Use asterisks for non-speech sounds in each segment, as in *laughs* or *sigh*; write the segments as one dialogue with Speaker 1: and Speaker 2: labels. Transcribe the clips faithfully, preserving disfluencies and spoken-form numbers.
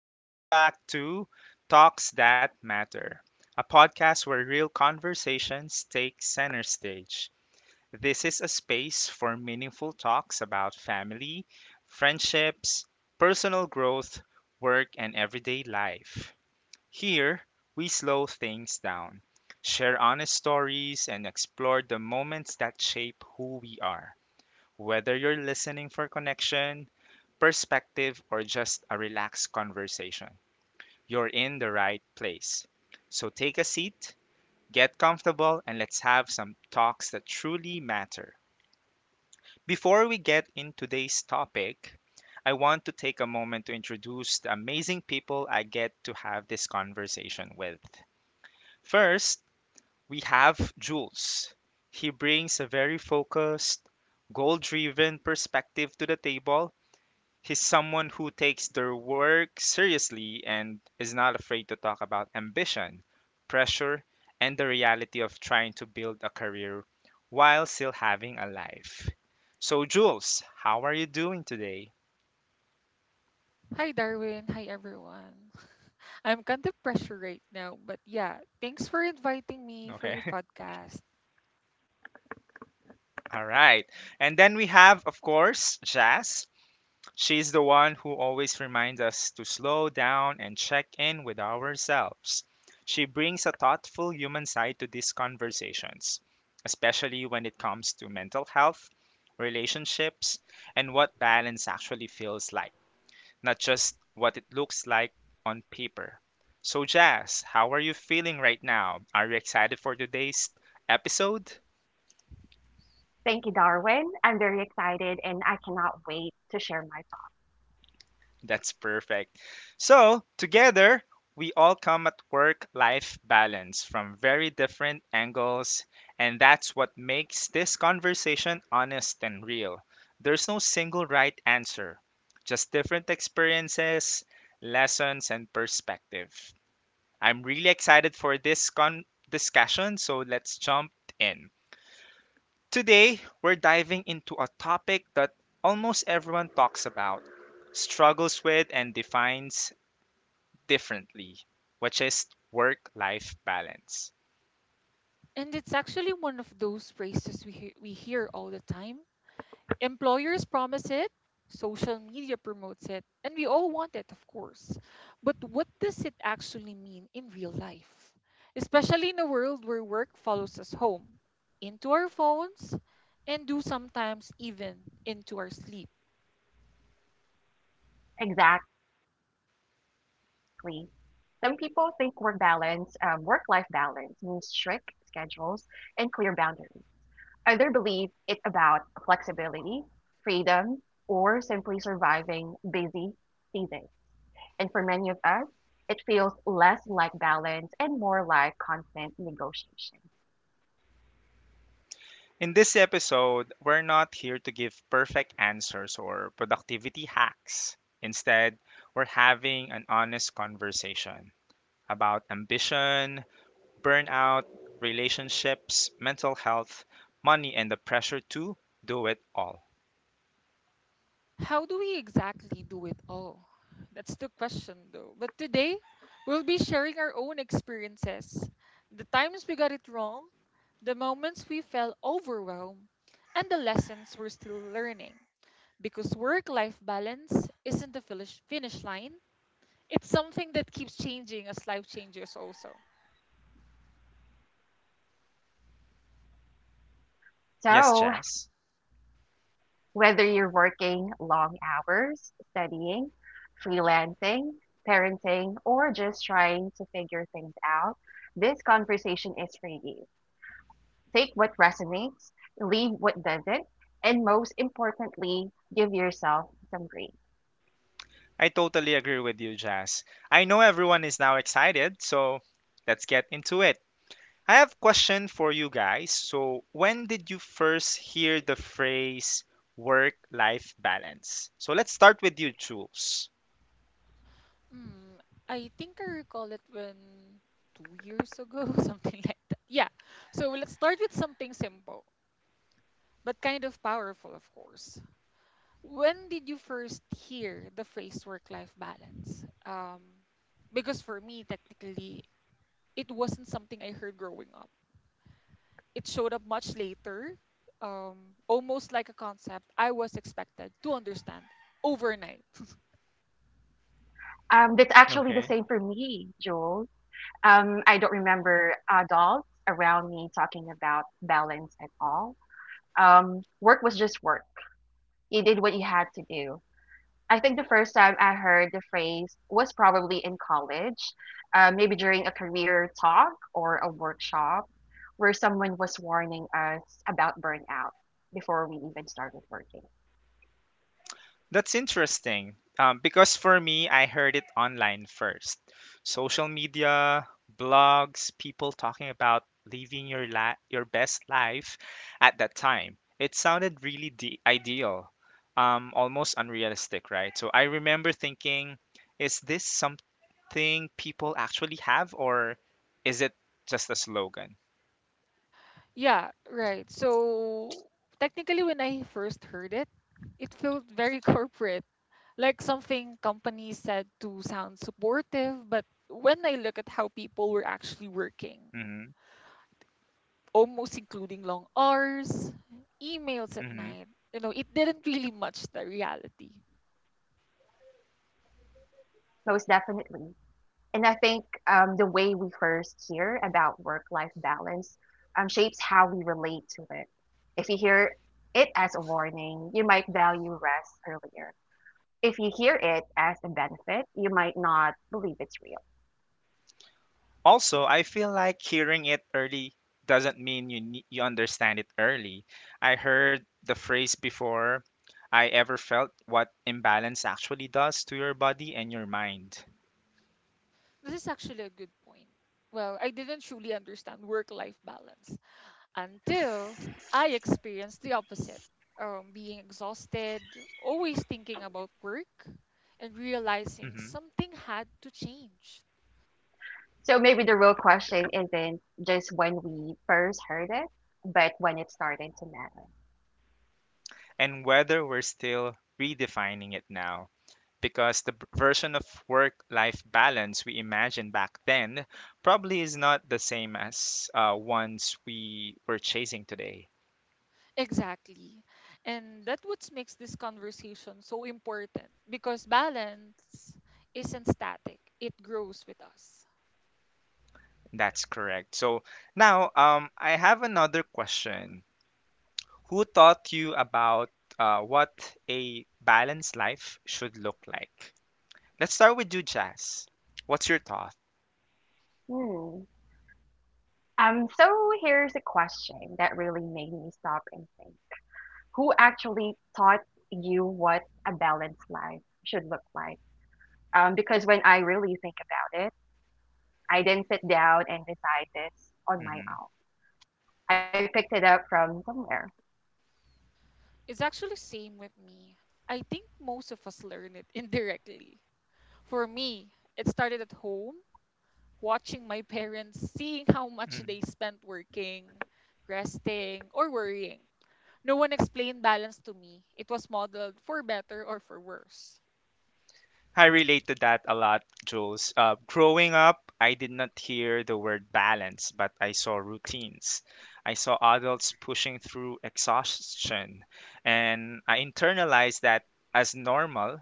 Speaker 1: and welcome back to Talks That Matter, a podcast where real conversations take center stage. This is a space for meaningful talks about family, friendships, personal growth, work, and everyday life. Here, we slow things down, share honest stories, and explore the moments that shape who we are. Whether you're listening for connection, perspective, or just a relaxed conversation, you're in the right place. So take a seat, get comfortable, and let's have some talks that truly matter. Before we get in today's topic, I want to take a moment to introduce the amazing people I get to have this conversation with. First, we have Jules. He brings a very focused, goal driven perspective to the table. He's someone who takes their work seriously and is not afraid to talk about ambition, pressure, and the reality of trying to build a career while still having a life. So, Jules, how are you doing today?
Speaker 2: Hi Darwin, hi everyone. *laughs* I'm kind of pressured right now, but yeah, thanks for inviting me for
Speaker 1: Okay.
Speaker 2: your
Speaker 1: *laughs*
Speaker 2: podcast.
Speaker 1: All right. And then we have, of course, Jazz. She's the one who always reminds us to slow down and check in with ourselves. She brings a thoughtful human side to these conversations, especially when it comes to mental health, relationships, and what balance actually feels like, not just what it looks like on paper. So, Jazz, how are you feeling right now? Are you excited for today's episode? That's perfect. So, together, we all come at work life balance from very different angles, and that's what makes this conversation honest and real. There's no single right answer, just different experiences, lessons, and perspective. I'm really excited for this con- discussion, so let's jump in. Today, we're diving into a topic that almost everyone talks about, struggles with, and defines differently, which is work life balance.
Speaker 2: And it's actually one of those phrases we he- we hear all the time. Employers promise it, social media promotes it, and we all want it, of course. But what does it actually mean in real life? Especially in a world where work follows us home, into our phones, and do sometimes even into our sleep.
Speaker 1: In this episode, we're not here to give perfect answers or productivity hacks. Instead, we're having an honest conversation about ambition, burnout, relationships, mental health, money, and the pressure to do it all.
Speaker 2: How do we exactly do it all? That's the question, though. But today, we'll be sharing our own experiences, the times we got it wrong, the moments we felt overwhelmed, and the lessons we're still learning. Because work life balance isn't a finish finish line, it's something that keeps changing as life changes, also.
Speaker 1: Yes, Chas? I totally agree with you, Jazz. I know everyone is now excited, so let's get into it. I have a question for you guys. So, when did you first hear the phrase work life balance? So, let's start with you, Jules.
Speaker 2: Hmm, I think I recall it when two years ago, *laughs* something like that. Yeah, so let's start with something simple, but kind of powerful, of course. When did you first hear the phrase work life balance? Um, because for me, technically, it wasn't something I heard growing up. It showed up much later, um, almost like a concept I was expected to understand overnight. *laughs*
Speaker 1: Okay. That's interesting. Um, because for me, I heard it online first. Social media, blogs, people talking about living your la- your best life at that time. It sounded really de- ideal, um, almost unrealistic, right? So I remember thinking, is this something people actually have, or is it just a slogan?
Speaker 2: Yeah, right. So technically, when I first heard it, it felt very *laughs* corporate. Like something companies said to sound supportive, but when I look at how people were actually working,
Speaker 1: Mm-hmm.
Speaker 2: almost including long hours, emails at
Speaker 1: Mm-hmm.
Speaker 2: night, you know, it didn't really match the reality.
Speaker 1: Also, I feel like hearing it early doesn't mean you ne- you understand it early. I heard the phrase before I ever felt what imbalance actually does to your body and your mind.
Speaker 2: This is actually a good point. Well, I didn't truly understand work life balance until I experienced the opposite, um, being exhausted, always thinking about work, and realizing
Speaker 1: hmm
Speaker 2: something had to change.
Speaker 1: And whether we're still redefining it now because the b- version of work-life balance we imagined back then probably is not the same as uh, ones we were chasing today.
Speaker 2: Exactly. And that what makes this conversation so important because balance isn't static, it grows with us.
Speaker 1: That's correct. So now, um, I have another question. Who taught you about uh, what a balanced life should look like? Let's start with you, Jazz. What's your thought? Mm-hmm.
Speaker 2: It's actually same with me. I think most of us learn it *laughs* indirectly. For me, it started at home watching my parents, seeing how much
Speaker 1: Mm-hmm.
Speaker 2: they spent working, resting, or worrying. No one explained balance to me. It was modeled for better or for worse.
Speaker 1: I relate to that a lot, Jules. Uh, growing up, I did not hear the word balance, but I saw routines. I saw adults pushing through exhaustion, and I internalized that as normal.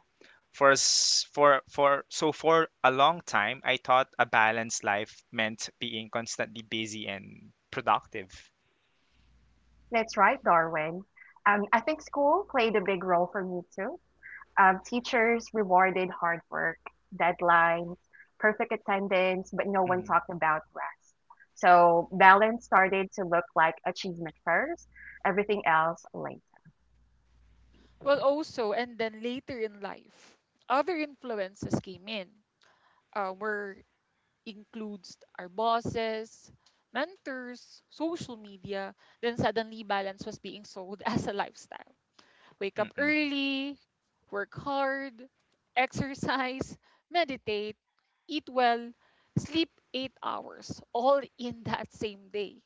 Speaker 1: For s- for for so for a long time, I thought a balanced life meant being constantly busy and productive. Hmm.
Speaker 2: Well, also, and then later in life, other influences came in, uh, where includes our bosses, mentors, social media. Then suddenly, balance was being sold *laughs* as a lifestyle. Wake up
Speaker 1: Mm-mm.
Speaker 2: early, work hard, exercise, meditate, eat well, sleep eight hours, all in that same day.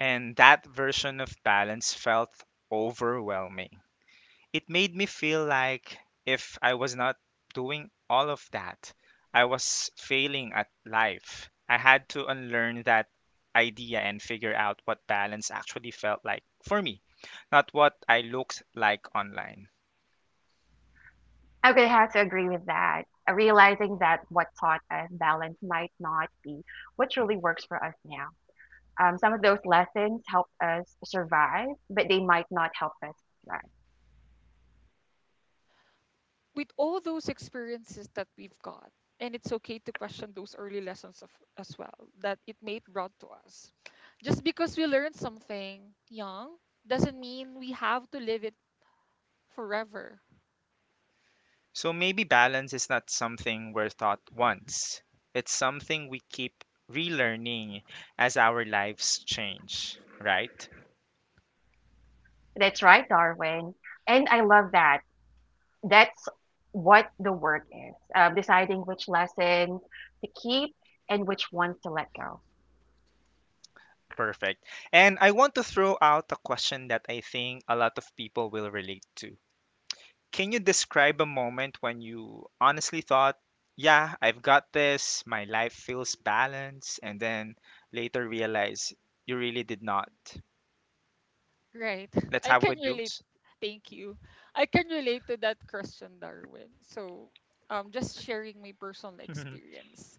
Speaker 1: And that version of balance felt overwhelming. It made me feel like if I was not doing all of that, I was failing at life. I had to unlearn that idea and figure out what balance actually felt like for me, not what I looked like online.
Speaker 2: With all those experiences that we've got, and it's okay to question those early lessons of, as well that it may brought to us. Just because we learned something young doesn't mean we have to live it forever.
Speaker 1: So maybe balance is not something we're taught once. It's something we keep relearning as our lives change, right? Perfect. And I want to throw out a question that I think a lot of people will relate to. Can you describe a moment when you honestly thought, yeah, I've got this, my life feels balanced, and then later realize you really did not?
Speaker 2: Right.
Speaker 1: Let's
Speaker 2: I
Speaker 1: have
Speaker 2: can
Speaker 1: with
Speaker 2: relate.
Speaker 1: Jules.
Speaker 2: Thank you. I can relate to that question, Darwin. So, um, just sharing my personal
Speaker 1: *laughs*
Speaker 2: experience.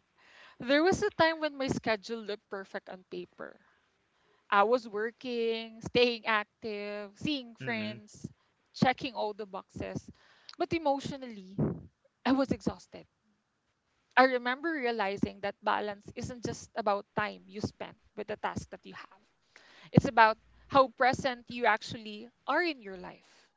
Speaker 2: There was a time when my schedule looked perfect on paper. I was working, staying active, seeing
Speaker 1: Mm-mm.
Speaker 2: friends, checking all the boxes. But emotionally, I was exhausted. I remember realizing that balance isn't just about time you spend with the task that you have. It's about how present you actually are in your life.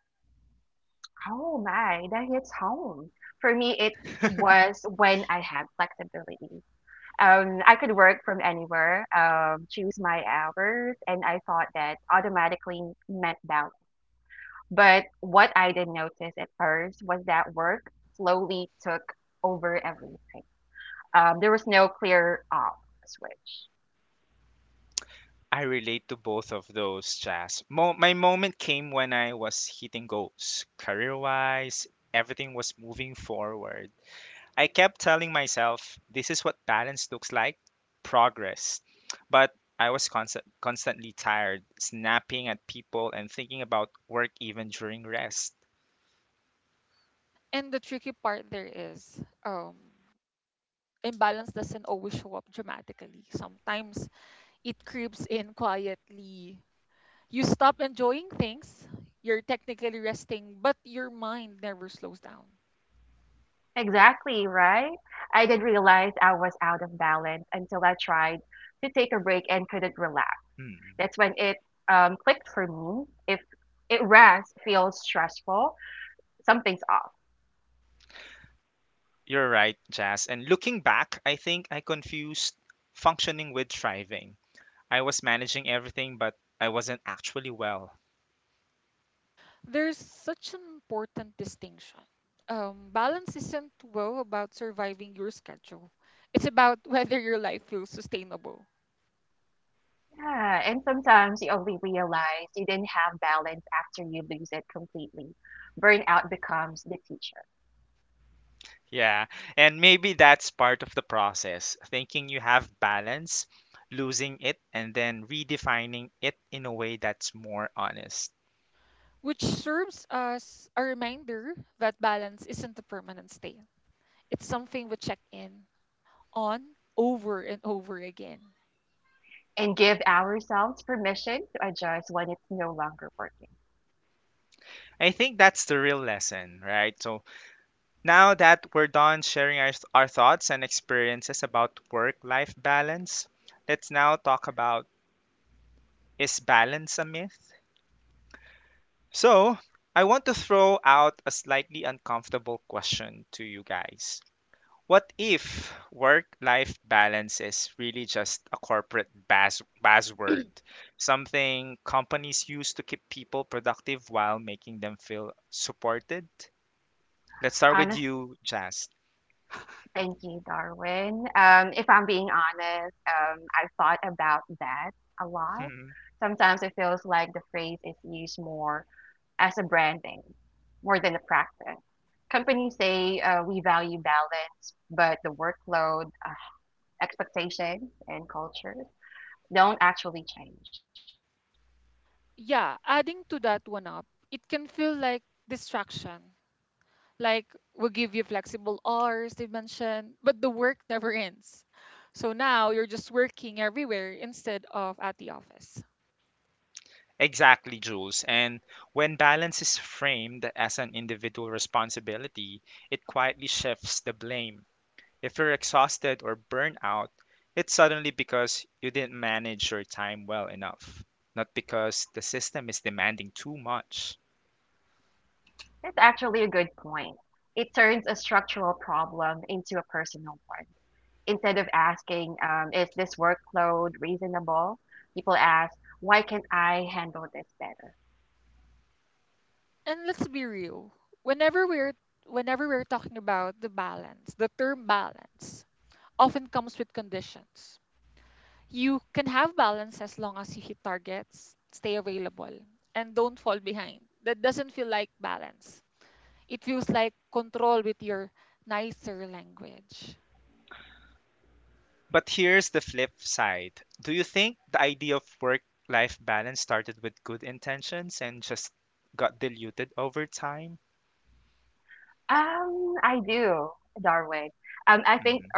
Speaker 1: I relate to both of those, Jazz. Mo- my moment came when I was hitting goals. Career wise, everything was moving forward. I kept telling myself, this is what balance looks like, progress. But I was constant, constantly tired, snapping at people and thinking about work even during rest.
Speaker 2: And the tricky part there is, um, imbalance doesn't always show up dramatically. Sometimes it creeps in quietly. You stop enjoying things, you're technically resting, but your mind never slows down.
Speaker 1: Hmm. You're right, Jazz. And looking back, I think I confused functioning with thriving. I was managing everything, but I wasn't actually well.
Speaker 2: There's such an important distinction. Um, balance isn't well about surviving your schedule. It's about *laughs* whether your life feels sustainable,
Speaker 1: Yeah, and maybe that's part of the process. Thinking you have balance, losing it, and then redefining it in a way that's more honest.
Speaker 2: which serves as a reminder that balance isn't a permanent state. It's something we check in on over and over again.
Speaker 1: I think that's the real lesson, right? So now that we're done sharing our, our thoughts and experiences about work life balance, let's now talk about, is balance a myth? So I want to throw out a slightly uncomfortable question to you guys. What if work life balance is really just a corporate baz- buzzword? Something companies use to keep people productive while making them feel supported? Let's start with you, Jazz. *laughs* Mhm.
Speaker 2: Yeah, adding to that one up, it can feel like distraction. Like we'll give you flexible hours, they mentioned, but the work never ends. So now you're just working everywhere instead of at the office.
Speaker 1: Exactly, Jules. And when balance is framed as an individual responsibility, it quietly shifts the blame. If you're exhausted or burned out, it's suddenly because you didn't manage your time well enough, not because the system is demanding too much.
Speaker 2: And let's be real. Whenever we're whenever we're talking about the balance, the term balance often comes with conditions. You can have balance as long as you hit targets, stay available, and don't fall behind. That doesn't feel like balance. It feels like control with your nicer language.
Speaker 1: But here's the flip side. Do you think the idea of work life balance started with good intentions and just got diluted over time? Hmm.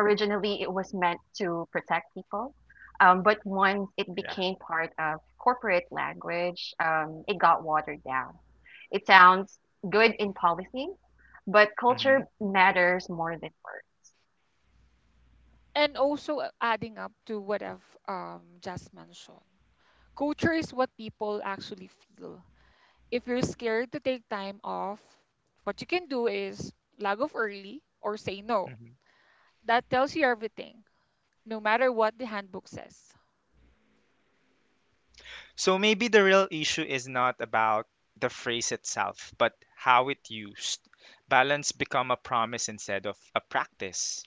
Speaker 1: Yeah. Hmm.
Speaker 2: And also, uh, adding up to what I've, um, just mentioned. Culture is what people actually feel. If you're scared to take time off, what you can do is log off early or say no.
Speaker 1: Hmm.
Speaker 2: That tells you everything, no matter what the handbook says.
Speaker 1: So maybe the real issue is not about the phrase itself, but how it used. Balance become a promise instead of a practice.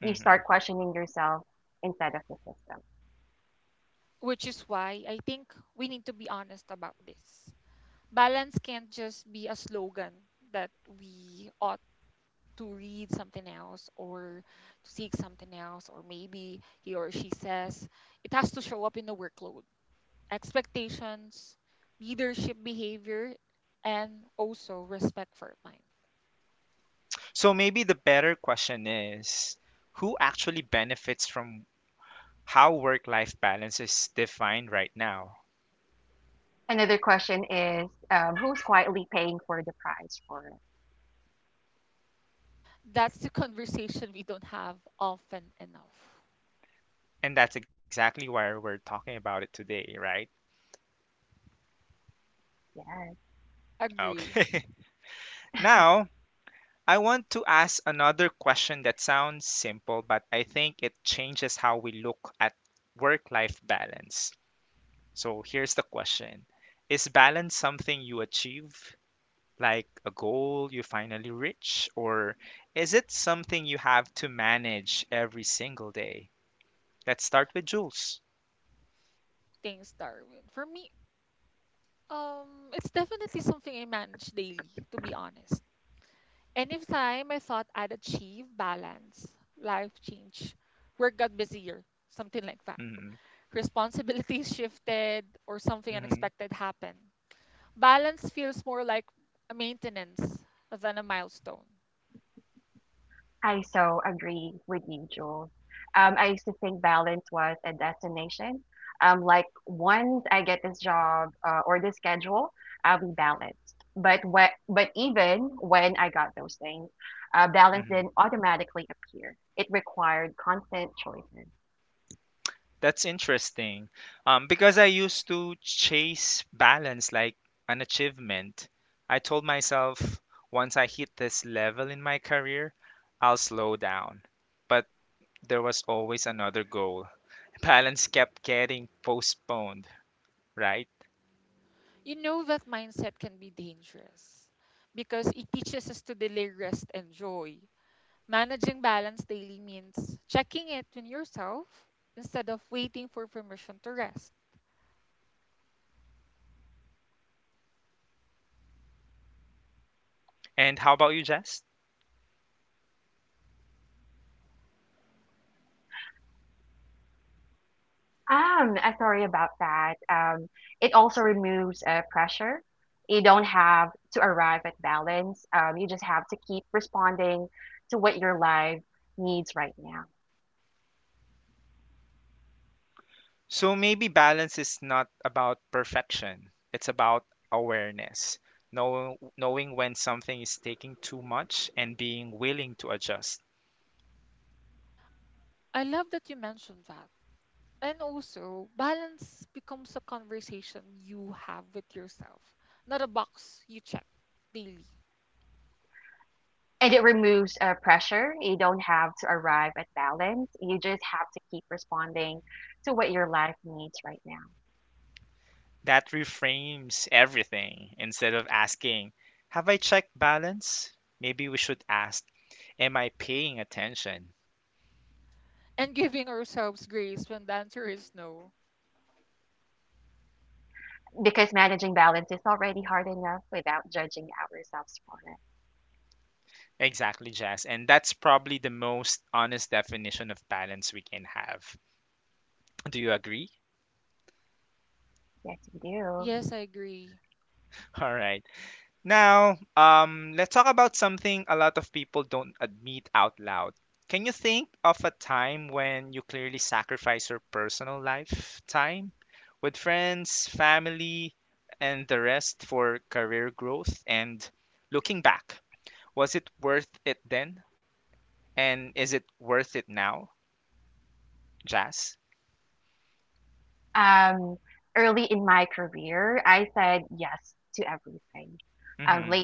Speaker 1: Hmm.
Speaker 2: Which is why I think we need to be honest about this. Balance can't just be a slogan that we ought to read something else or to seek something else, or maybe he or she says it has to show up in the workload, expectations, leadership behavior, and also respect for time.
Speaker 1: So maybe the better question is, who actually benefits from how work life balance is defined right now?
Speaker 2: That's the *laughs* conversation we don't have often enough.
Speaker 1: And that's exactly why we're talking about it today, right?
Speaker 2: Agree.
Speaker 1: Okay. *laughs* Now, I want to ask another question that sounds simple, but I think it changes how we look at work life balance. So here's the question. Is balance something you achieve, like a goal you finally reach, or is it something you have to manage every single day? Let's start with Jules.
Speaker 2: Thanks, Darwin. For me, Um, it's definitely something I manage daily, to be honest. Anytime I thought I'd achieve balance, life change, work got busier, something like that.
Speaker 1: Hmm.
Speaker 2: Responsibilities *laughs* shifted or something
Speaker 1: Hmm.
Speaker 2: unexpected happened. Balance feels more like a maintenance than a milestone.
Speaker 1: Hmm. That's interesting. Um, because I used to chase balance like an achievement. I told myself once I hit this level in my career, I'll slow down. But there was always another goal. *laughs* Balance kept getting postponed, right?
Speaker 2: You know that mindset can be dangerous because it teaches us to delay rest and joy. Managing balance daily means checking it in yourself instead of waiting for permission to rest.
Speaker 1: And how about you, Jess? So maybe balance is not about perfection. It's about awareness, know, knowing when something is taking too much and being willing to adjust.
Speaker 2: I love that you mentioned that. And also, balance becomes a conversation you have with yourself, not a box you check daily.
Speaker 1: That reframes everything. Instead of asking, have I checked balance? Maybe we should ask, am I paying attention?
Speaker 2: And giving ourselves grace when the answer is no.
Speaker 1: Exactly, Jazz. And that's probably the most honest definition of balance we can have. Do you agree?
Speaker 2: Yes, I agree.
Speaker 1: *laughs* All right. Now, um, let's talk about something a lot of people don't admit out loud. Can you think of a time when you clearly sacrifice your personal life, time with friends, family, and the rest for career growth? And looking back, was it worth it then? And is it worth it now, Jazz? Hmm.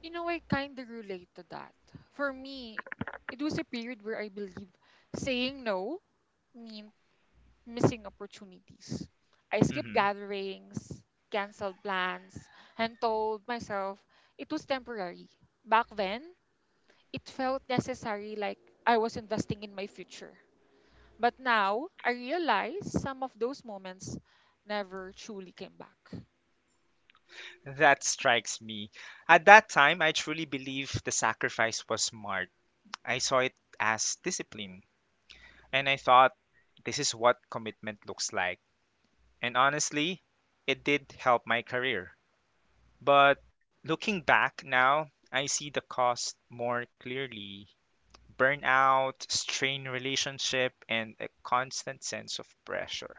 Speaker 2: You know, I kind of relate to that. For me, it was a period where I believe saying no meant missing opportunities. I skipped
Speaker 1: Hmm.
Speaker 2: gatherings, canceled plans, and told myself it was temporary. Back then, it felt necessary like I was investing in my future. But now, I realize some of those moments never truly came back.
Speaker 1: That strikes me. At that time, I truly believed the sacrifice was smart. I saw it as discipline. And I thought, this is what commitment looks like. And honestly, it did help my career. But looking back now, I see the cost more clearly, burnout, strained relationship, and a constant sense of pressure.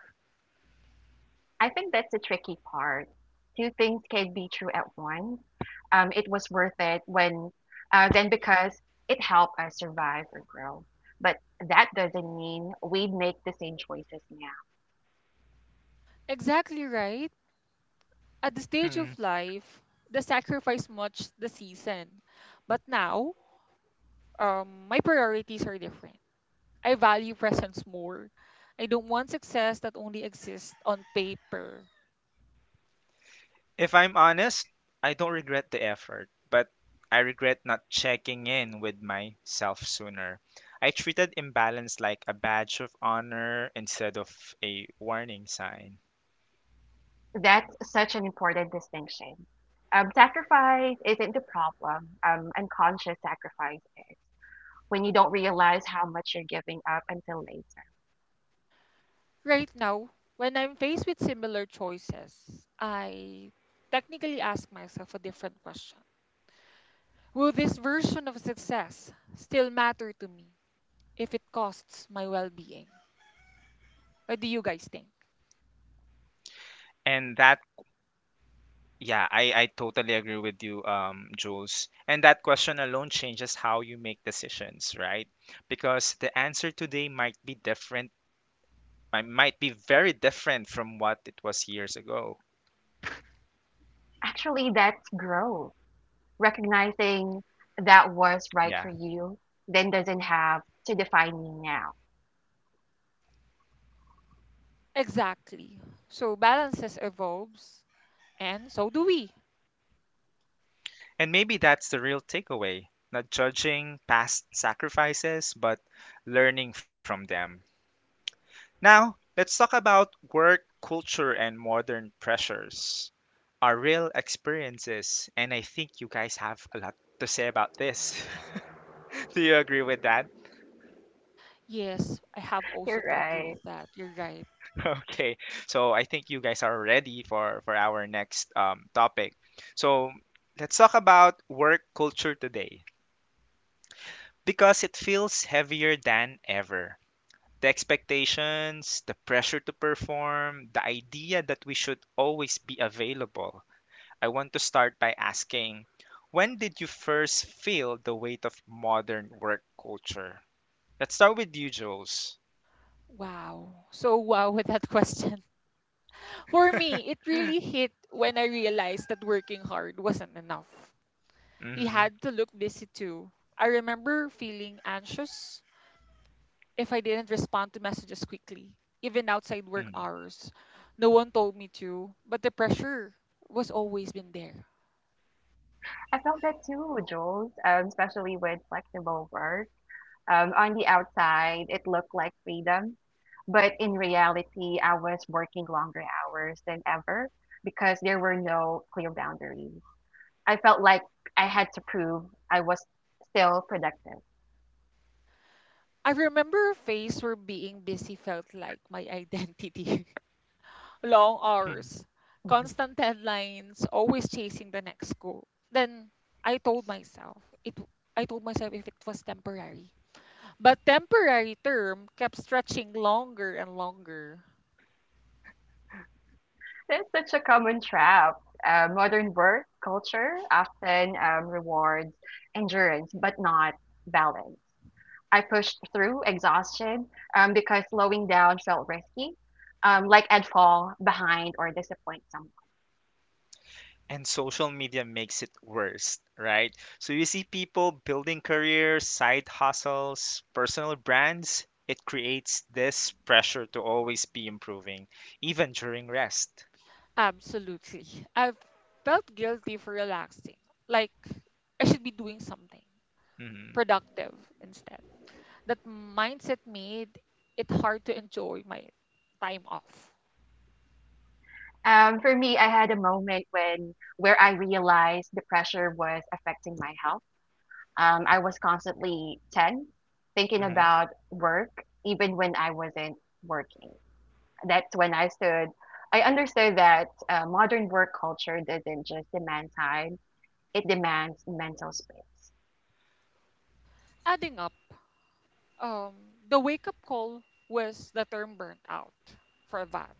Speaker 2: Exactly right. At the stage
Speaker 1: Hmm.
Speaker 2: of life, the sacrifice much the season. But now, um, my priorities are different. I value presence more. I don't want success that only exists on paper.
Speaker 1: If I'm honest, I don't regret the effort, but I regret not checking in with myself sooner. I treated imbalance like a badge of honor instead of a warning sign.
Speaker 2: Right now, when I'm faced with similar choices, I technically ask myself a different question. Will this version of success still matter to me if it costs my well being? What do you guys think?
Speaker 1: And that Yeah, I, I totally agree with you, um, Jules. And that question alone changes how you make decisions, right? Because the answer today might be different, mi- might be very different from what it was years ago. Yeah.
Speaker 2: Exactly. So balances evolves, and so do we.
Speaker 1: And maybe that's the real takeaway, not judging past sacrifices, but learning from them. Now, let's talk about work culture and modern pressures, our real experiences. And I think you guys have a lot to say about this. *laughs* Do you agree with that?
Speaker 2: Yes, I have also to argue with that. You're right.
Speaker 1: *laughs* Okay. So I think you guys are ready for for our next um, topic. So let's talk about work culture today because it feels heavier than ever. The expectations, the pressure to perform, the idea that we should always be available. I want to start by asking, when did you first feel the weight of modern work culture? Let's start with you, Jules.
Speaker 2: Wow. So wow with that *laughs* question. For me, it really hit when I realized that working hard wasn't enough. He had to look busy too. I remember feeling anxious if I didn't respond to messages quickly, even outside work
Speaker 1: Mm-hmm.
Speaker 2: hours. No one told me to, but the pressure was always been there. I remember a phase where being busy felt like my *laughs* identity. Long hours,
Speaker 1: *laughs*
Speaker 2: constant deadlines, always chasing the next goal. Then I told myself it I told myself if it was temporary. But temporary term kept stretching longer and longer.
Speaker 1: And social media makes it worse, right? So you see people building careers, side hustles, personal brands. It creates this pressure to always be improving, even during rest.
Speaker 2: Absolutely. I've felt guilty for relaxing. Like I should be doing something
Speaker 1: Hmm.
Speaker 2: productive instead. That mindset made it hard to enjoy my time off.
Speaker 1: Hmm.
Speaker 2: Adding up, um, the wake up call was the term burnt out for that.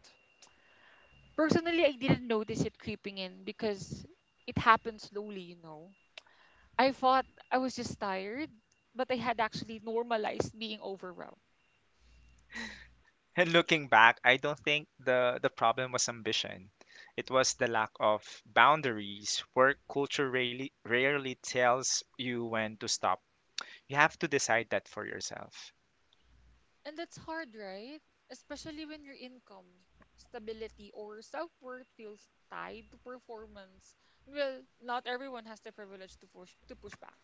Speaker 2: Personally, I didn't notice it creeping in because it happened slowly, you know. I thought I was just tired, but I had actually normalized being overwhelmed.
Speaker 1: And looking back, I don't think the, the problem was ambition. It was the lack of boundaries. Work culture rarely, rarely tells you when to stop. You have to decide that for yourself.
Speaker 2: And that's hard, right? Especially when your income, stability, or self worth feels tied to performance. Well, not everyone has the privilege to push, to push back.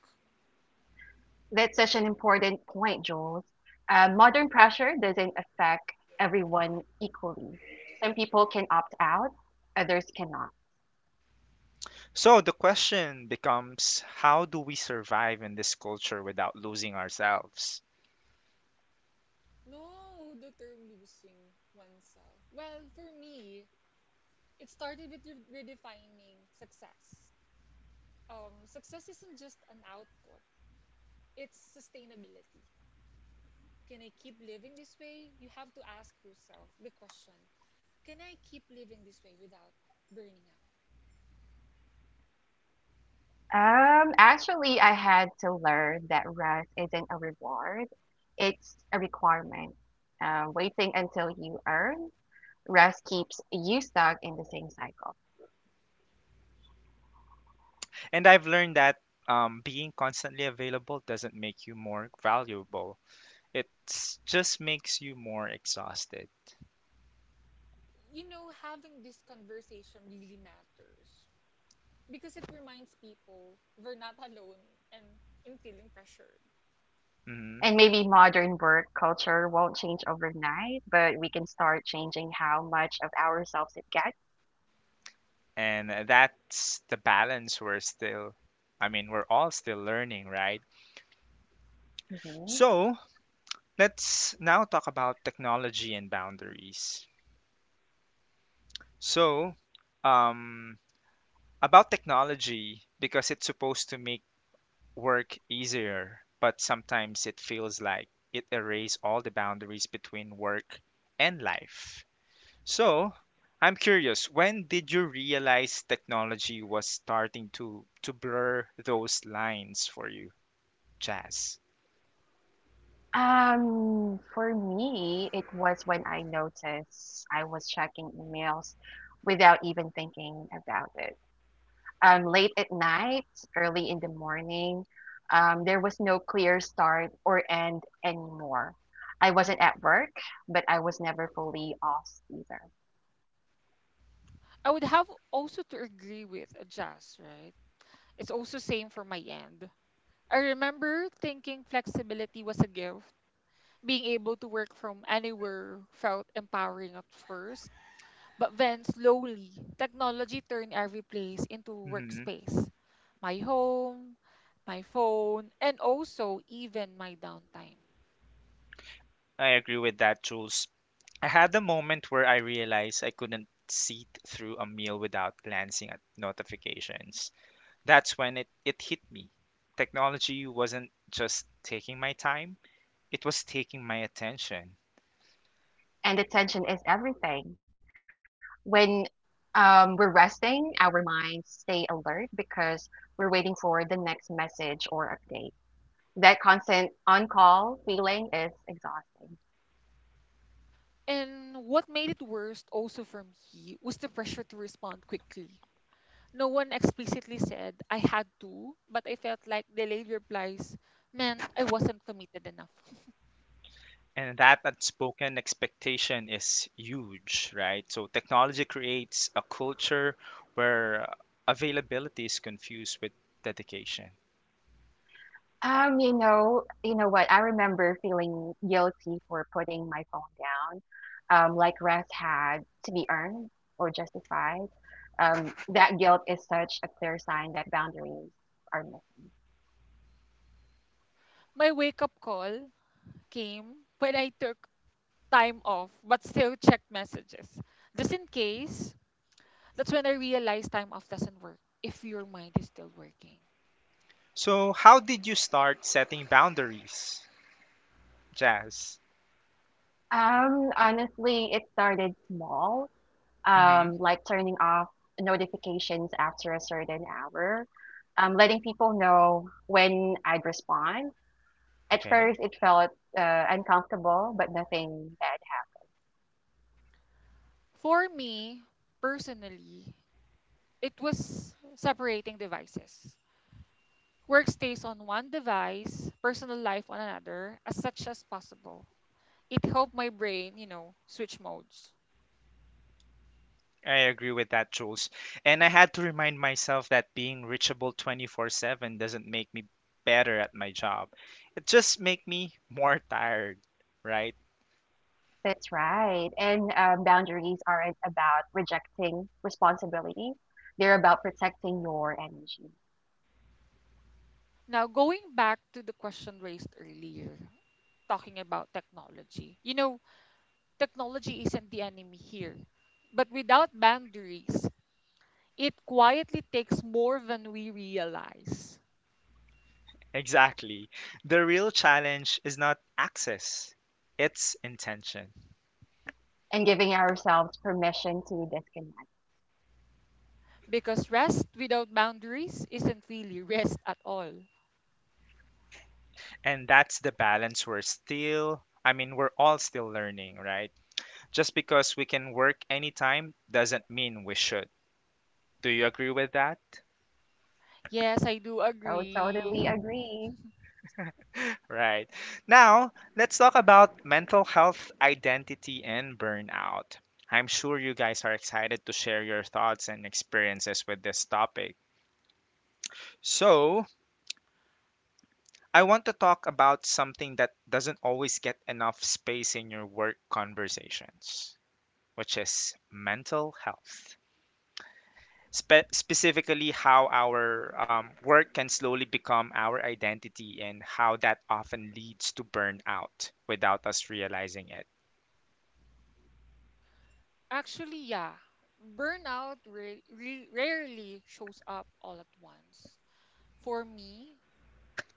Speaker 1: So the question becomes, how do we survive in this culture without losing ourselves?
Speaker 2: No, the term losing oneself. Well, for me, it started with re- redefining success. Um, success isn't just an output, it's sustainability. Can I keep living this way? You have to ask yourself the question, can I keep living this way without burning out?
Speaker 1: And I've learned that um, being constantly available doesn't make you more valuable, it just makes you more exhausted.
Speaker 2: You know, having this conversation really matters because it reminds people we're not alone and in feeling pressured.
Speaker 1: Hmm. And uh, that's the balance we're still, I mean, we're all still learning, right? So let's now talk about technology and boundaries. So, um, about technology, because it's supposed to make work easier, but sometimes it feels like it erases all the boundaries between work and life. So, I'm curious, when did you realize technology was starting to to blur those lines for you, Jazz?
Speaker 2: I would have also to agree with Jazz, right? It's also same for my end. I remember thinking flexibility was a gift, being able to work from anywhere felt empowering at first, but then slowly, technology turned every place into
Speaker 1: Hmm.
Speaker 2: workspace. My home, my phone, and also even my downtime.
Speaker 1: I agree with that, Jules. I had a moment where I realized I couldn't sit through a meal without glancing at notifications. That's when it, it hit me. Technology wasn't just taking my time, it was taking my attention.
Speaker 2: And what made it worse, also for me was the pressure to respond quickly. No one explicitly said I had to, but I felt like delayed replies meant I wasn't committed enough. *laughs*
Speaker 1: And that unspoken expectation is huge, right? So technology creates a culture where availability is confused with dedication.
Speaker 2: My wake up call came when I took time off but still check messages just in case. That's when I realized time off doesn't work if your mind is still working.
Speaker 1: So, how did you start setting boundaries, Jazz? Hmm. Okay.
Speaker 2: For me personally, it was separating devices. Work stays on one device, personal life on another as such as possible. It helped my brain, you know, switch modes.
Speaker 1: I agree with that, Jules. And I had to remind myself that being reachable twenty-four seven doesn't make me better at my job. It just make me more tired, right?
Speaker 2: Now going back to the question raised earlier talking about technology, you know, technology isn't the enemy here, but without boundaries, it quietly takes more than we realize.
Speaker 1: Exactly. The real challenge is not access, it's intention.
Speaker 2: Because rest without boundaries isn't really rest at all.
Speaker 1: And that's the balance we're still, I mean, we're all still learning, right? Just because we can work anytime doesn't mean we should. Do you agree with that?
Speaker 2: Yes, I do agree.
Speaker 1: Right. Now, let's talk about mental health, identity, and burnout. I'm sure you guys are excited to share your thoughts and experiences with this topic. So, I want to talk about something that doesn't always get enough space in your work conversations, which is mental health. Spe- specifically, how our um, work can slowly become our identity, and how that often leads to burnout without us realizing it.
Speaker 2: Actually, yeah. Burnout ra- re- rarely shows up all at once. For me,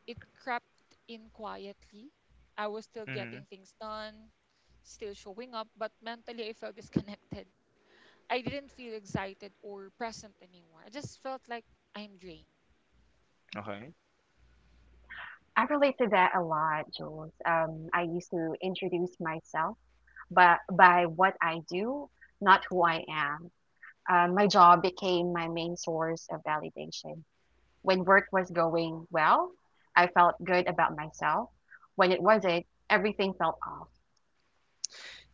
Speaker 2: it crept in quietly. I was still
Speaker 1: Hmm.
Speaker 2: getting things done, still showing up, but mentally I felt disconnected. I didn't feel excited or present anymore. I just felt like I'm drained.
Speaker 1: Okay.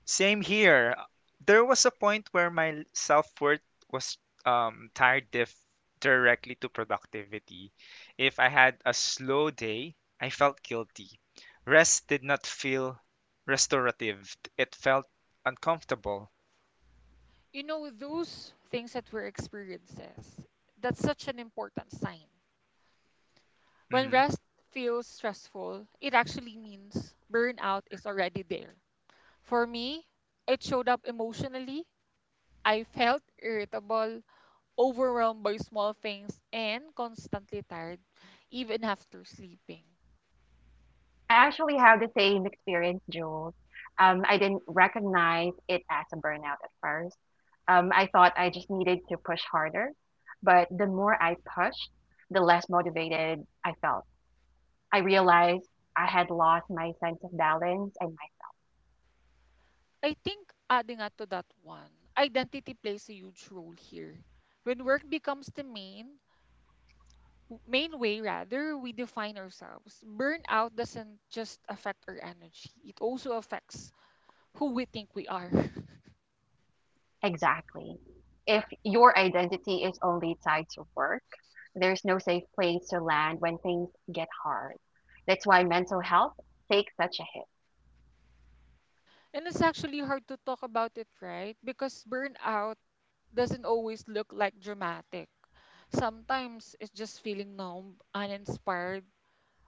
Speaker 1: Same here. There was a point where my self-worth was um, tied dif- directly to productivity. If I had a slow day, I felt guilty. Rest did not feel restorative. It felt uncomfortable.
Speaker 2: You know, those things that were experiences, that's such an important sign. When
Speaker 1: Hmm.
Speaker 2: rest feels stressful, it actually means burnout is already there. For me, it showed up emotionally. I felt irritable, overwhelmed by small things, and constantly tired even after sleeping. I think adding up to that one, identity plays a huge role here. When work becomes the main w- main way, rather, we define ourselves. Burnout doesn't just affect our energy, it also affects who we think we are. *laughs* And it's actually hard to talk about it, right? Because burnout doesn't always look like dramatic. Sometimes it's just feeling numb, uninspired,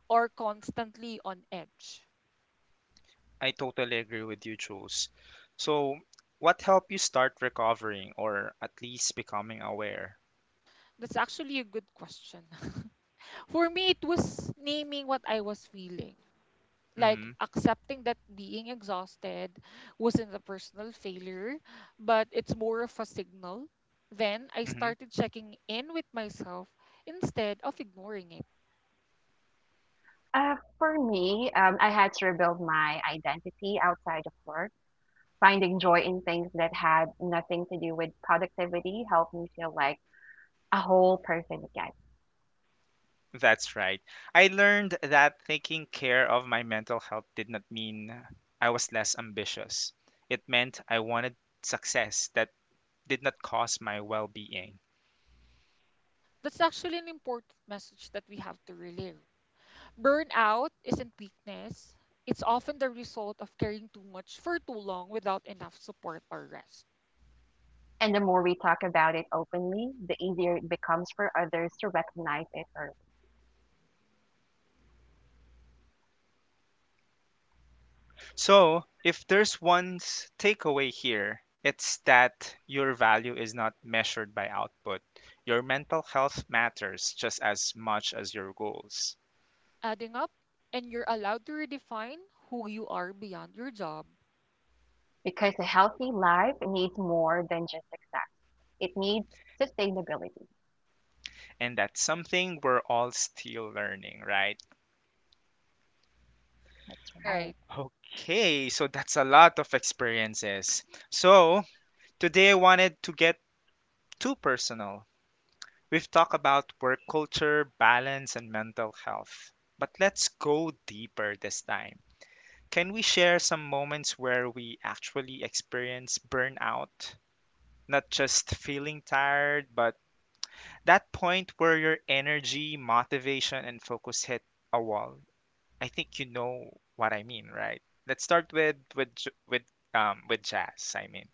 Speaker 2: or constantly on edge.
Speaker 1: I totally agree with you, Jules. So, what helped you start recovering or at least becoming aware?
Speaker 2: That's actually a good question. *laughs* For me, it was naming what I was feeling. Like
Speaker 1: Mm-hmm.
Speaker 2: accepting that being exhausted wasn't a personal failure, but it's more of a signal. Then I
Speaker 1: Mm-hmm.
Speaker 2: started checking in with myself instead of ignoring it.
Speaker 1: That's right. I learned that taking care of my mental health did not mean I was less ambitious. It meant I wanted success that did not cost my well being.
Speaker 2: That's actually an important message that we have to relive. Burnout isn't weakness, it's often the result of carrying too much for too long without enough support or rest.
Speaker 1: So, if there's one s- takeaway here, it's that your value is not measured by output. Your mental health matters just as much as your goals.
Speaker 2: Adding up, and you're allowed to redefine who you are beyond your job.
Speaker 1: And that's something we're all still learning, right?
Speaker 2: Right.
Speaker 1: Okay, so that's a lot of experiences. So, today, I wanted to get too personal. We've talked about work culture, balance, and mental health. But let's go deeper this time. Can we share some moments where we actually experience burnout? Not just feeling tired, but that point where your energy, motivation, and focus hit a wall. I think you know what I mean, right? Let's start with with J- with um with jazz. I mean,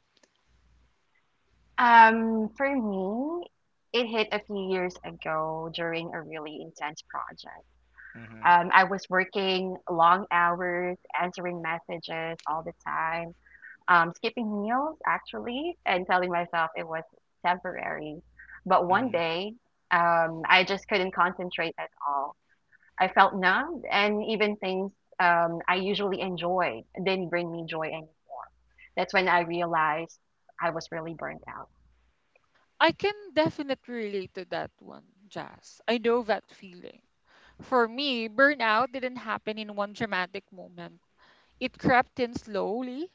Speaker 1: mm-hmm, mm-hmm,
Speaker 2: I can definitely relate to that one, Jazz. I know that feeling. For me, burnout didn't happen in one dramatic moment. It crept in slowly.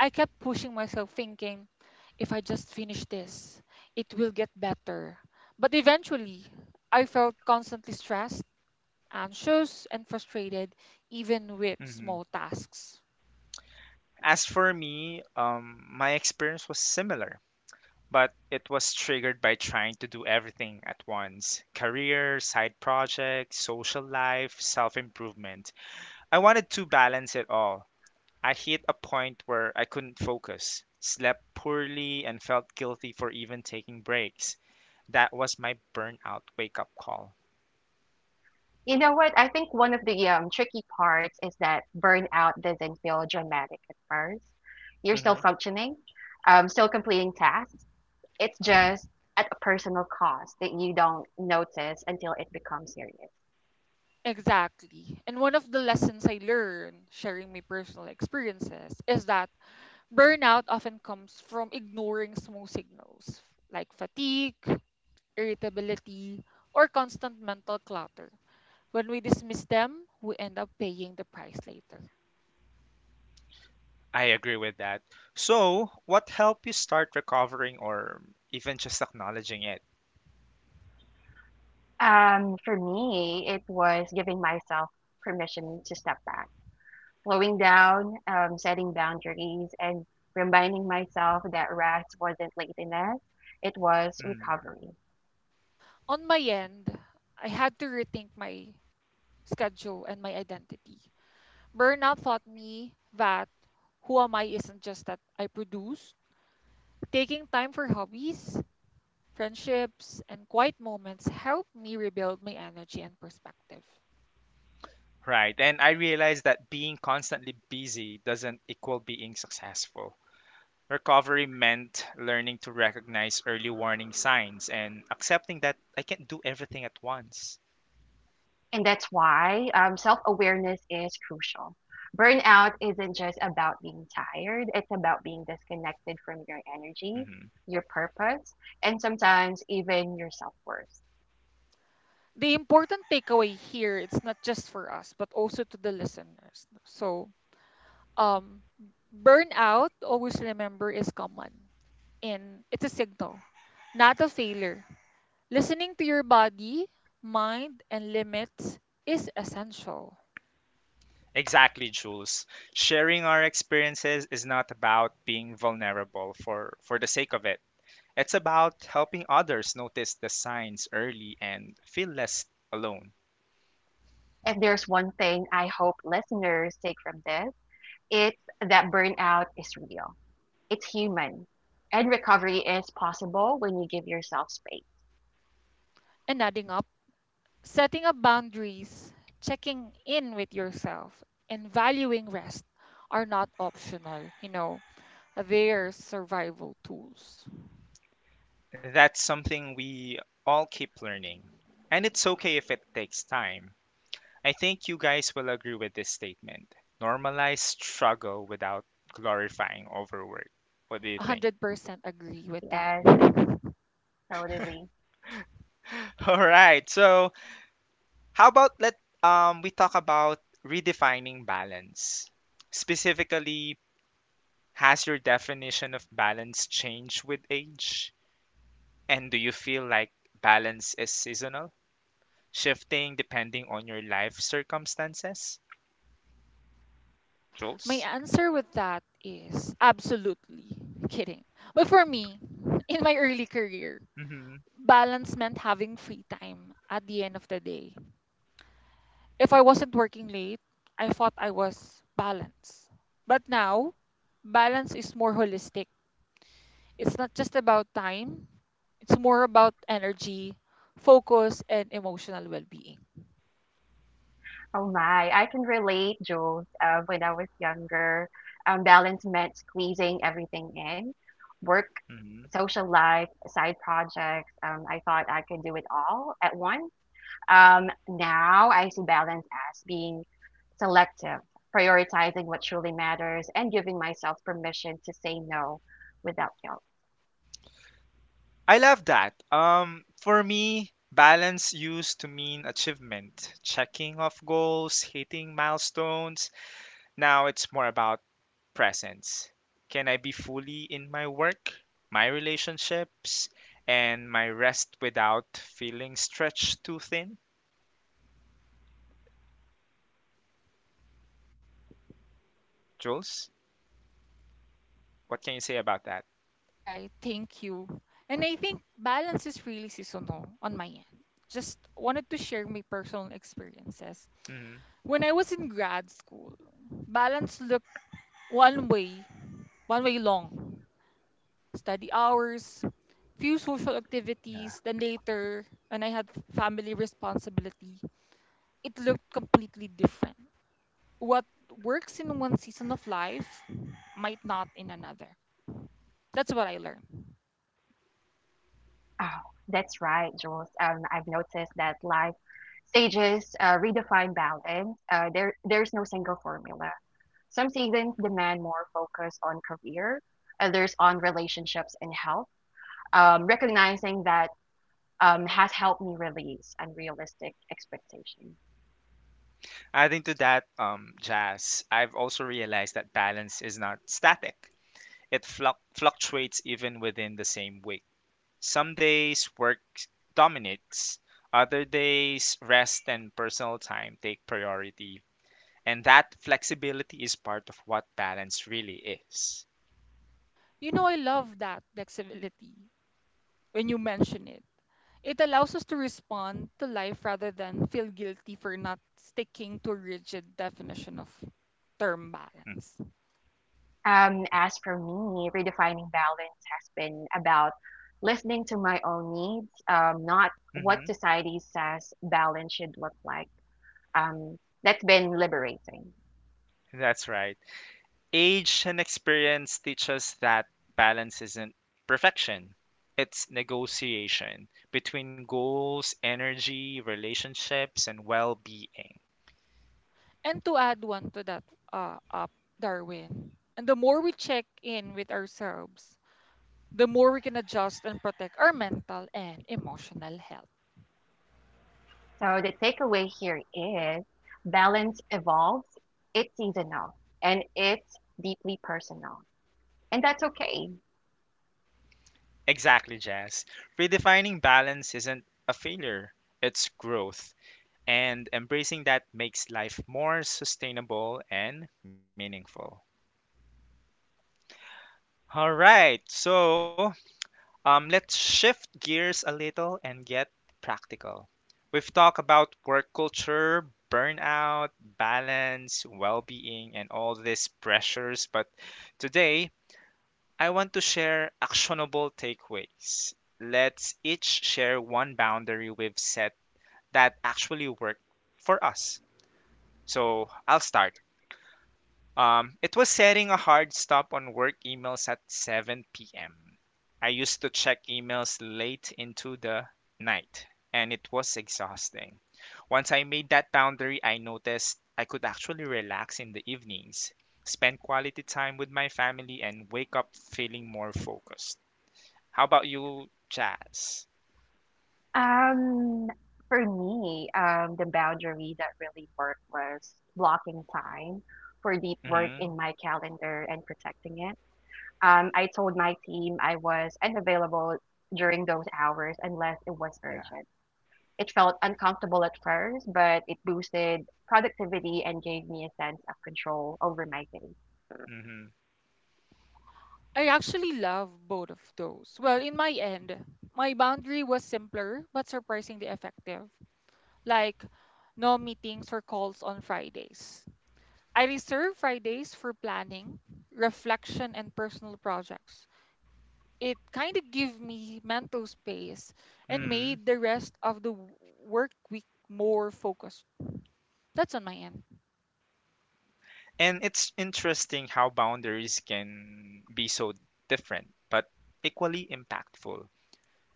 Speaker 2: I kept pushing myself thinking, if I just finish this, it will get better. But eventually, I felt constantly stressed, anxious, and frustrated, even with
Speaker 1: mm-hmm.
Speaker 2: small tasks.
Speaker 1: As for me, um, my experience was similar, but it was triggered by trying to do everything at once: career, side projects, social life, self improvement. I wanted to balance it all. I hit a point where I couldn't focus, slept poorly, and felt guilty for even taking breaks. That was my burnout wake up call. Hmm.
Speaker 2: Exactly. And one of the lessons I learned, sharing my personal experiences, is that burnout often comes from ignoring small signals like fatigue, irritability, or constant mental clutter. When we dismiss them, we end up paying the price later.
Speaker 1: I agree with that. So, what helped you start recovering or even just acknowledging it? Hmm.
Speaker 2: On my end, I had to rethink my schedule and my identity. Burnout taught me that who am I isn't just that I produce. Taking time for hobbies, friendships, and quiet moments helped me rebuild my energy and perspective.
Speaker 1: Right. And I realized that being constantly busy doesn't equal being successful. Recovery meant learning to recognize early warning signs and accepting that I can't do everything at once. Mhm.
Speaker 2: The important takeaway here, it's not just for us but also to the listeners, so um burnout, always remember, is common, and it's a signal, not a failure. Listening to your body, mind, and limits is essential.
Speaker 1: Exactly, Jules. Sharing our experiences is not about being vulnerable for, for the sake of it. It's about helping others notice the signs early and feel less alone.
Speaker 2: And adding up, setting up boundaries, checking in with yourself, and valuing rest are not optional, you know they're survival tools.
Speaker 1: That's something we all keep learning. And it's okay if it takes time. I think you guys will agree with this statement. Normalize struggle without glorifying overwork. What do you think?
Speaker 2: one hundred percent agree with that.
Speaker 1: *laughs* All right. So, how about let um we talk about redefining balance. Specifically, has your definition of balance changed with age? And do you feel like balance is seasonal, shifting depending on your life circumstances?
Speaker 2: My
Speaker 1: Jules?
Speaker 2: answer with that is absolutely kidding. But for me, in my early career,
Speaker 1: Mhm.
Speaker 2: balance meant having free time at the end of the day. If I wasn't working late, I thought I was balanced. But now, balance is more holistic. It's not just about time, it's more about energy, focus, and emotional well being.
Speaker 1: Mhm. I love that. Um, for me, balance used to mean achievement, checking off goals, hitting milestones. Now it's more about presence. Can I be fully in my work, my relationships, and my rest without feeling stretched too thin? Jules, what can you say about that?
Speaker 2: Right. Thank you. And I think balance is really seasonal on my end. Just wanted to share my personal experiences.
Speaker 1: Hmm.
Speaker 2: When I was in grad school, balance looked one way, one way long. Study hours, few social activities, then later, when I had family responsibility, it looked completely different. What works in one season of life might not in another. That's what I learned.
Speaker 1: Adding to that, um, Jazz, I've also realized that balance is not static. It fluc fluctuates even within the same week. Some days work dominates, other days rest and personal time take priority. And that flexibility is part of what balance really is.
Speaker 2: You know, I love that flexibility when you mention it. It allows us to respond to life rather than feel guilty for not sticking to a rigid definition of term balance.
Speaker 1: Mm-hmm. That's right. Age and experience teach us that balance isn't perfection. It's negotiation between goals, energy, relationships, and well being.
Speaker 2: And to add one to that, uh, up, Darwin, and the more we check in with ourselves, the more we can adjust and protect our mental and emotional health.
Speaker 1: Exactly, Jazz. Redefining balance isn't a failure, it's growth, and embracing that makes life more sustainable and meaningful. All right, so um, let's shift gears a little and get practical. We've talked about work culture, burnout, balance, well being, and all these pressures, but today I want to share actionable takeaways. Let's each share one boundary we've set that actually worked for us. So I'll start. Um, it was setting a hard stop on work emails at seven p m. I used to check emails late into the night, and it was exhausting. Once I made that boundary, I noticed I could actually relax in the evenings, spend quality time with my family, and wake up feeling more focused. How about you, Jazz? Mm-hmm. Yeah. Mm-hmm.
Speaker 2: I actually love both of those. Well, in my end, my boundary was simpler but surprisingly effective. Like, no meetings or calls on Fridays. I reserve Fridays for planning, reflection, and personal projects. It kind of gave me mental space and
Speaker 1: Mm-hmm.
Speaker 2: made the rest of the w- work week more focused. That's on my end.
Speaker 1: And it's interesting how boundaries can be so different, but equally impactful.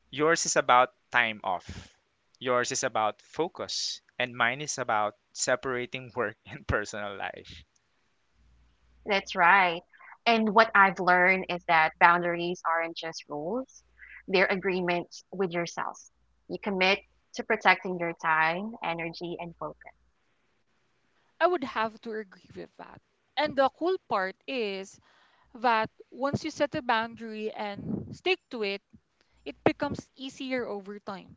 Speaker 1: Yours is about time off, yours is about focus, and mine is about separating work *laughs* and personal life.
Speaker 2: I would have to agree with that. And the cool part is that once you set a boundary and stick to it, it becomes easier over time.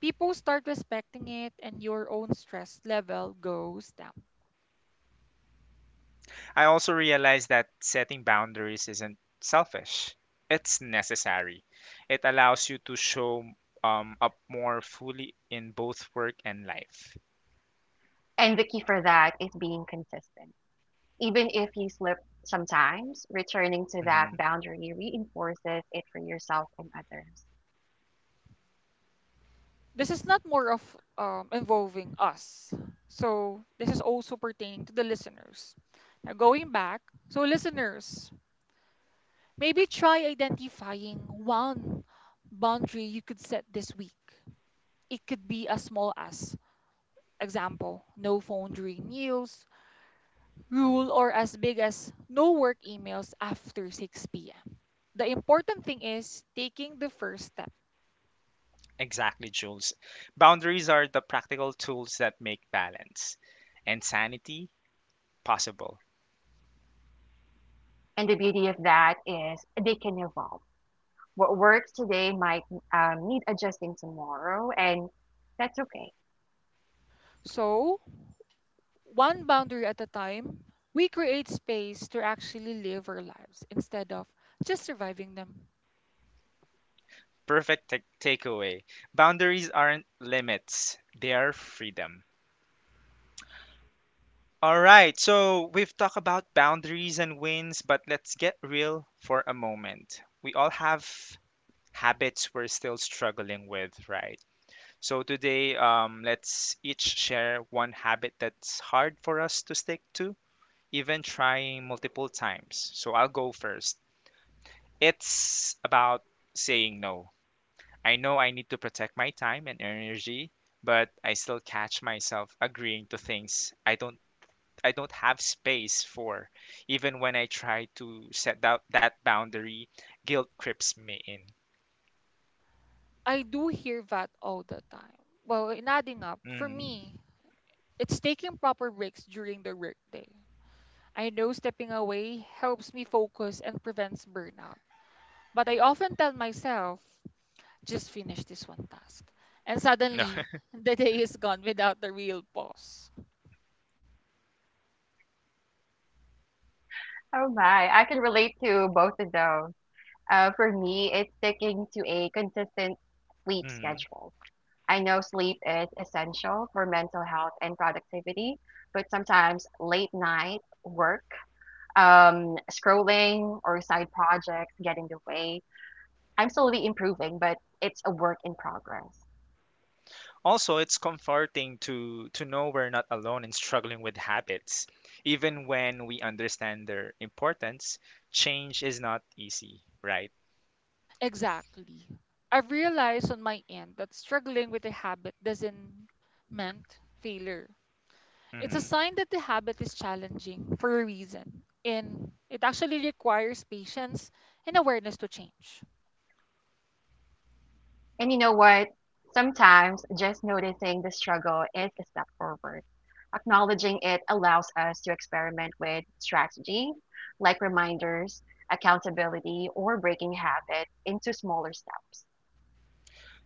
Speaker 2: People start respecting it, and your own stress level goes down.
Speaker 1: I also realize that setting boundaries isn't selfish, it's necessary. It allows you to show um, up more fully in both work and life. Mhm.
Speaker 2: This is not more of um, involving us. So this is also pertaining to the listeners. Now going back, so listeners, maybe try identifying one boundary you could set this week. It could be as small as, example, no phone during meals, rule, or as big as no work emails after six p m. The important thing is taking the first step.
Speaker 1: Exactly, Jules. Boundaries are the practical tools that make balance and sanity possible.
Speaker 2: So, one boundary at a time, we create space to actually live our lives instead of just surviving them.
Speaker 1: Perfect ta- takeaway. Boundaries aren't limits, they are freedom. All right, so we've talked about boundaries and wins, but let's get real for a moment. We all have habits we're still struggling with, right? So today, um, let's each share one habit that's hard for us to stick to even trying multiple times. So I'll go first. It's about saying no. I know I need to protect my time and energy, but I still catch myself agreeing to things I don't I don't have space for. Even when I try to set that that boundary, guilt creeps me in.
Speaker 2: I do hear that all the time. Well, in adding up, for
Speaker 1: Mm,
Speaker 2: me, it's taking proper breaks during the workday. I know stepping away helps me focus and prevents burnout. But I often tell myself, just finish this one task. And
Speaker 1: no.
Speaker 2: suddenly,
Speaker 1: *laughs*
Speaker 2: *laughs* the day is gone without the real pause.
Speaker 1: Mm. Also, it's comforting to to know we're not alone in struggling with habits. Even when we understand their importance, change is not easy, right?
Speaker 2: Exactly. I've realized on my end that struggling with a habit doesn't meant failure. It's a
Speaker 1: Hmm.
Speaker 2: sign that the habit is challenging for a reason, and it actually requires patience and awareness to change.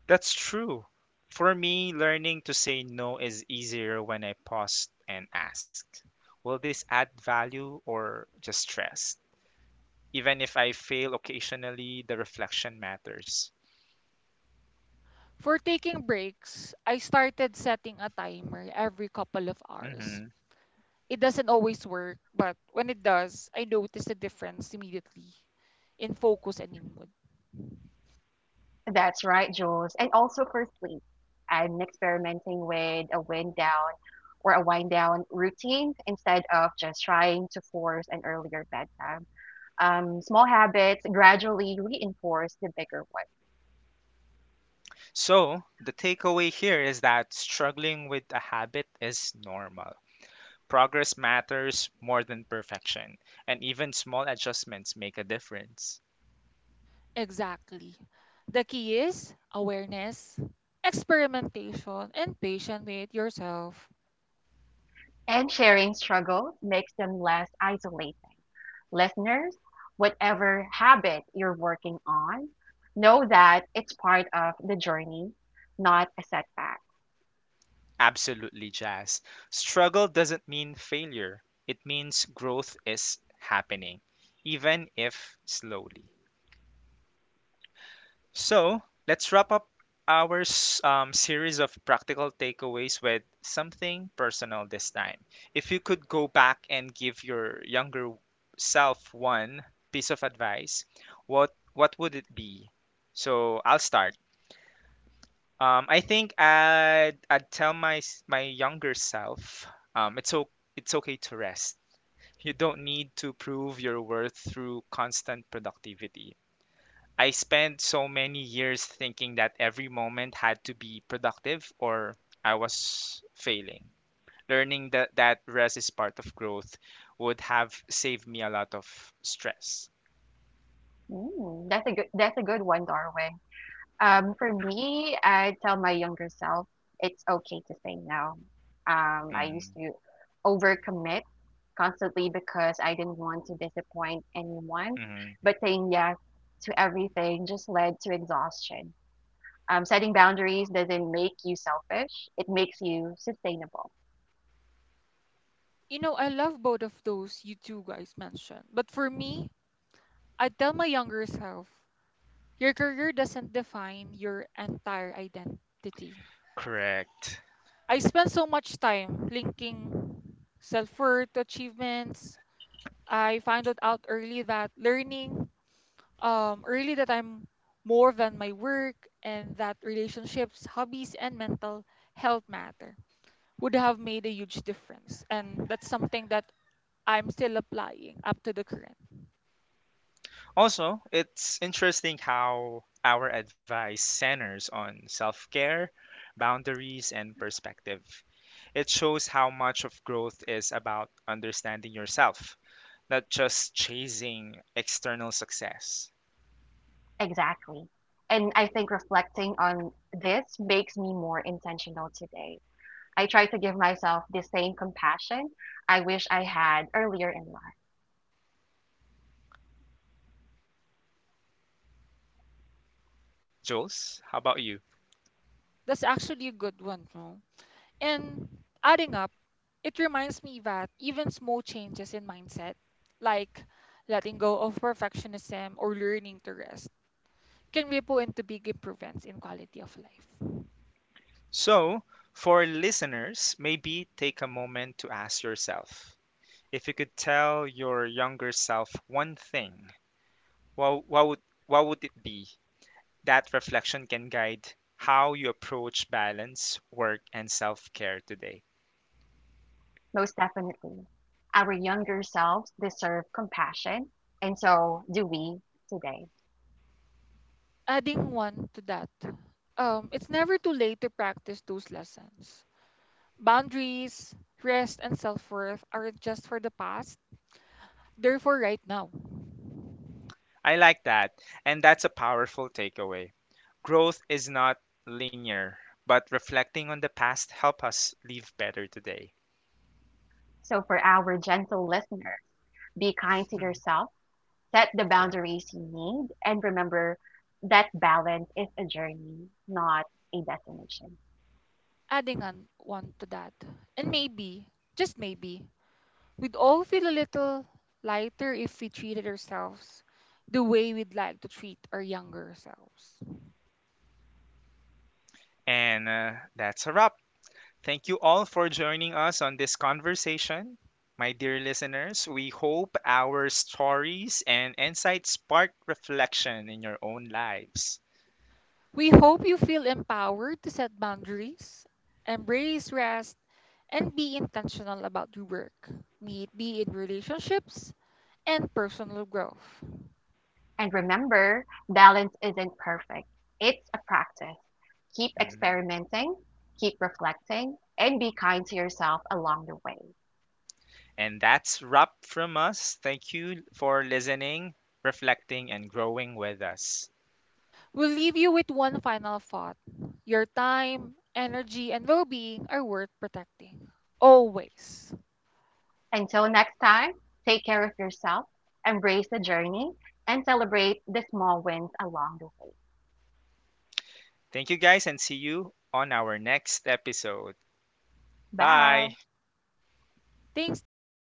Speaker 1: That's true. For me, learning to say no is easier when I pause and ask, will this add value or just stress? Even if I fail occasionally, the reflection matters.
Speaker 2: For taking breaks, I started setting a timer every couple of hours.
Speaker 1: Hmm.
Speaker 2: It doesn't always work, but when it does, I notice a difference immediately in focus and in mood.
Speaker 1: So, the takeaway here is that struggling with a habit is normal. Progress matters more than perfection, and even small adjustments make a difference.
Speaker 2: Exactly. The key is awareness, experimentation, and patient with yourself.
Speaker 1: Absolutely, Jazz. Struggle doesn't mean failure, it means growth is happening, even if slowly. So, let's wrap up our s- um, series of practical takeaways with something personal this time. If you could go back and give your younger self one piece of advice, what what would it be? So I'll start. Um, I think I'd I'd tell my s- my younger self, um, it's o- it's okay to rest. You don't need to prove your worth through constant productivity. I spent so many years thinking that every moment had to be productive or I was failing. Learning that that rest is part of growth would have saved me a lot of stress. Mm-hmm. Mm-hmm.
Speaker 2: You know, I love both of those you two guys mentioned. But for me, I tell my younger self, your career doesn't define your entire identity.
Speaker 1: Correct.
Speaker 2: I spend so much time linking self worth to achievements. I found out out early that learning, um, early that I'm more than my work and that relationships, hobbies, and mental health matter would have made a huge difference. And that's something that I'm still applying up to the current.
Speaker 1: Also, it's interesting how our advice centers on self care, boundaries, and perspective. It shows how much of growth is about understanding yourself, not just chasing external success. Jules, how about you?
Speaker 2: That's actually a good one, no? And adding up, it reminds me that even small changes in mindset, like letting go of perfectionism or learning to rest, can ripple into big improvements in quality of life.
Speaker 1: So, for listeners, maybe take a moment to ask yourself, if you could tell your younger self one thing, what, what, would, what would it be? That reflection can guide how you approach balance, work, and self care today.
Speaker 2: Adding one to that, um, it's never too late to practice those lessons. Boundaries, rest, and self worth aren't just for the past, they're for right now.
Speaker 1: I like that, and that's a powerful takeaway. Growth is not linear, but reflecting on the past help us live better today. *laughs* yeah.
Speaker 2: Adding on one to that. And maybe, just maybe, we'd all feel a little lighter if we treated ourselves the way we'd like to treat our younger selves.
Speaker 1: And uh, that's a wrap. Thank you all for joining us on this conversation. My dear listeners, we hope our stories and insights spark reflection in your own lives.
Speaker 2: We hope you feel empowered to set boundaries, embrace rest, and be intentional about your work, be it be in relationships and personal growth.
Speaker 1: Mhm. And that's wrap from us. Thank you for listening, reflecting, and growing with us.
Speaker 2: We'll leave you with one final thought. Your time, energy, and well being are worth protecting. Always.
Speaker 1: Thank you guys, and see you on our next episode. Bye.
Speaker 2: Thanks, team.